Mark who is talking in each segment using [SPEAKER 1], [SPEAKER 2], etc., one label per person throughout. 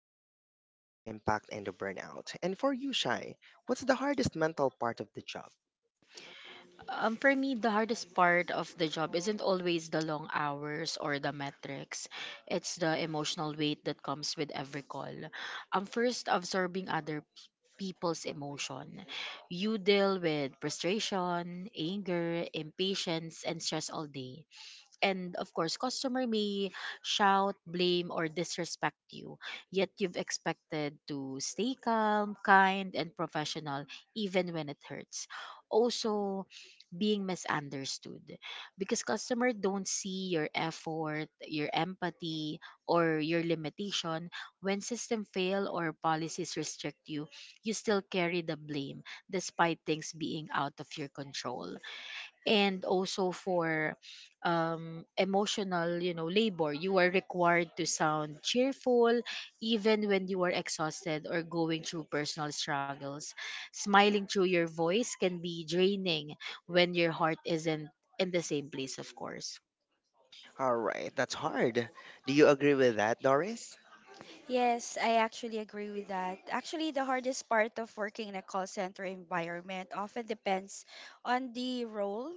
[SPEAKER 1] talking about the emotional impact and the burnout. And for you, Shai, what's the hardest mental part of the job?
[SPEAKER 2] For me, the hardest part of the job isn't always the long hours or the metrics. It's the emotional weight that comes with every call. First, absorbing other people's emotion. You deal with frustration, anger, impatience, and stress all day, and of course customer may shout, blame, or disrespect you, yet you've expected to stay calm, kind, and professional even when it hurts. Also, being misunderstood, because customer don't see your effort, your empathy, or your limitation. When system fail or policies restrict you, you still carry the blame despite things being out of your control. And also, for emotional labor, you are required to sound cheerful even when you are exhausted or going through personal struggles. Smiling through your voice can be draining when your heart isn't in the same place, of course.
[SPEAKER 1] All right, that's hard. Do you agree with that, Doris?
[SPEAKER 3] Yes, I actually agree with that. Actually, the hardest part of working in a call center environment often depends on the role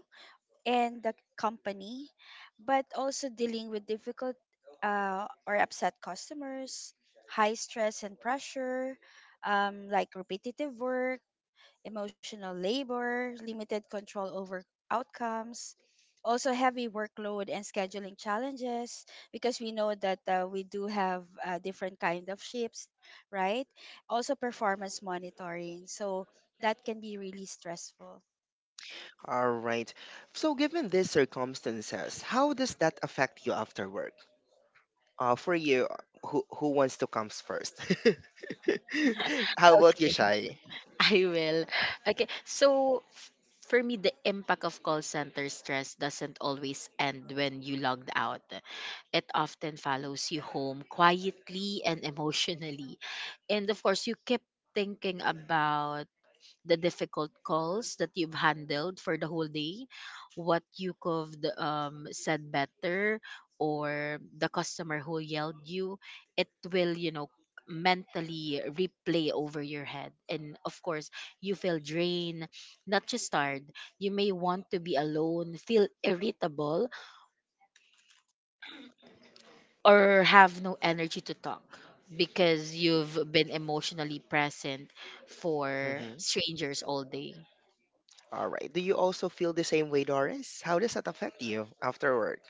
[SPEAKER 3] and the company, but also dealing with difficult or upset customers, high stress and pressure, like repetitive work, emotional labor, limited control over outcomes, also heavy workload and scheduling challenges because we know that we do have different kind of shifts, right? Also performance monitoring. So that can be really stressful.
[SPEAKER 1] All right. So, given these circumstances, how does that affect you after work? For you, who wants to come first? How about you,
[SPEAKER 2] Okay.
[SPEAKER 1] Shai?
[SPEAKER 2] I will. Okay. For me, the impact of call center stress doesn't always end when you logged out. It often follows you home, quietly and emotionally. And of course, you keep thinking about the difficult calls that you've handled for the whole day, what you could said better, or the customer who yelled you, it will, mentally replay over your head. And of course, you feel drained, not just tired. You may want to be alone, feel irritable, or have no energy to talk because you've been emotionally present for
[SPEAKER 1] Mm-hmm.
[SPEAKER 2] strangers all day.
[SPEAKER 1] All right. Do you also feel the same way, Doris? How does that affect you after work?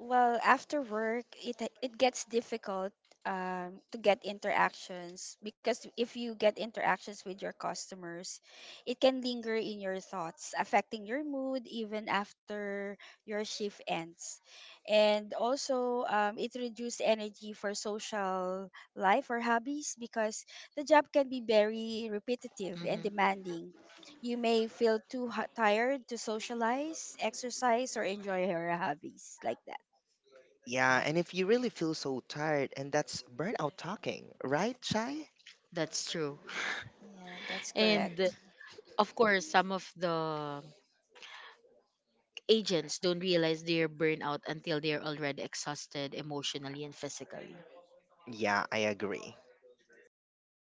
[SPEAKER 3] Well, after work, it gets difficult, to get interactions because if you get interactions with your customers, it can linger in your thoughts, affecting your mood even after your shift ends. And also, it reduces energy for social life or hobbies because the job can be very repetitive and
[SPEAKER 2] Hmm.
[SPEAKER 3] demanding. You may feel too tired to socialize, exercise, or enjoy your hobbies like that.
[SPEAKER 1] Yeah, and if you really feel so tired, and that's burnout talking, right, Chai?
[SPEAKER 2] That's true.
[SPEAKER 3] Yeah, that's
[SPEAKER 2] And
[SPEAKER 3] correct.
[SPEAKER 2] of course, some of the agents don't realize they're burnout until they're already exhausted emotionally and physically.
[SPEAKER 1] Yeah, I agree.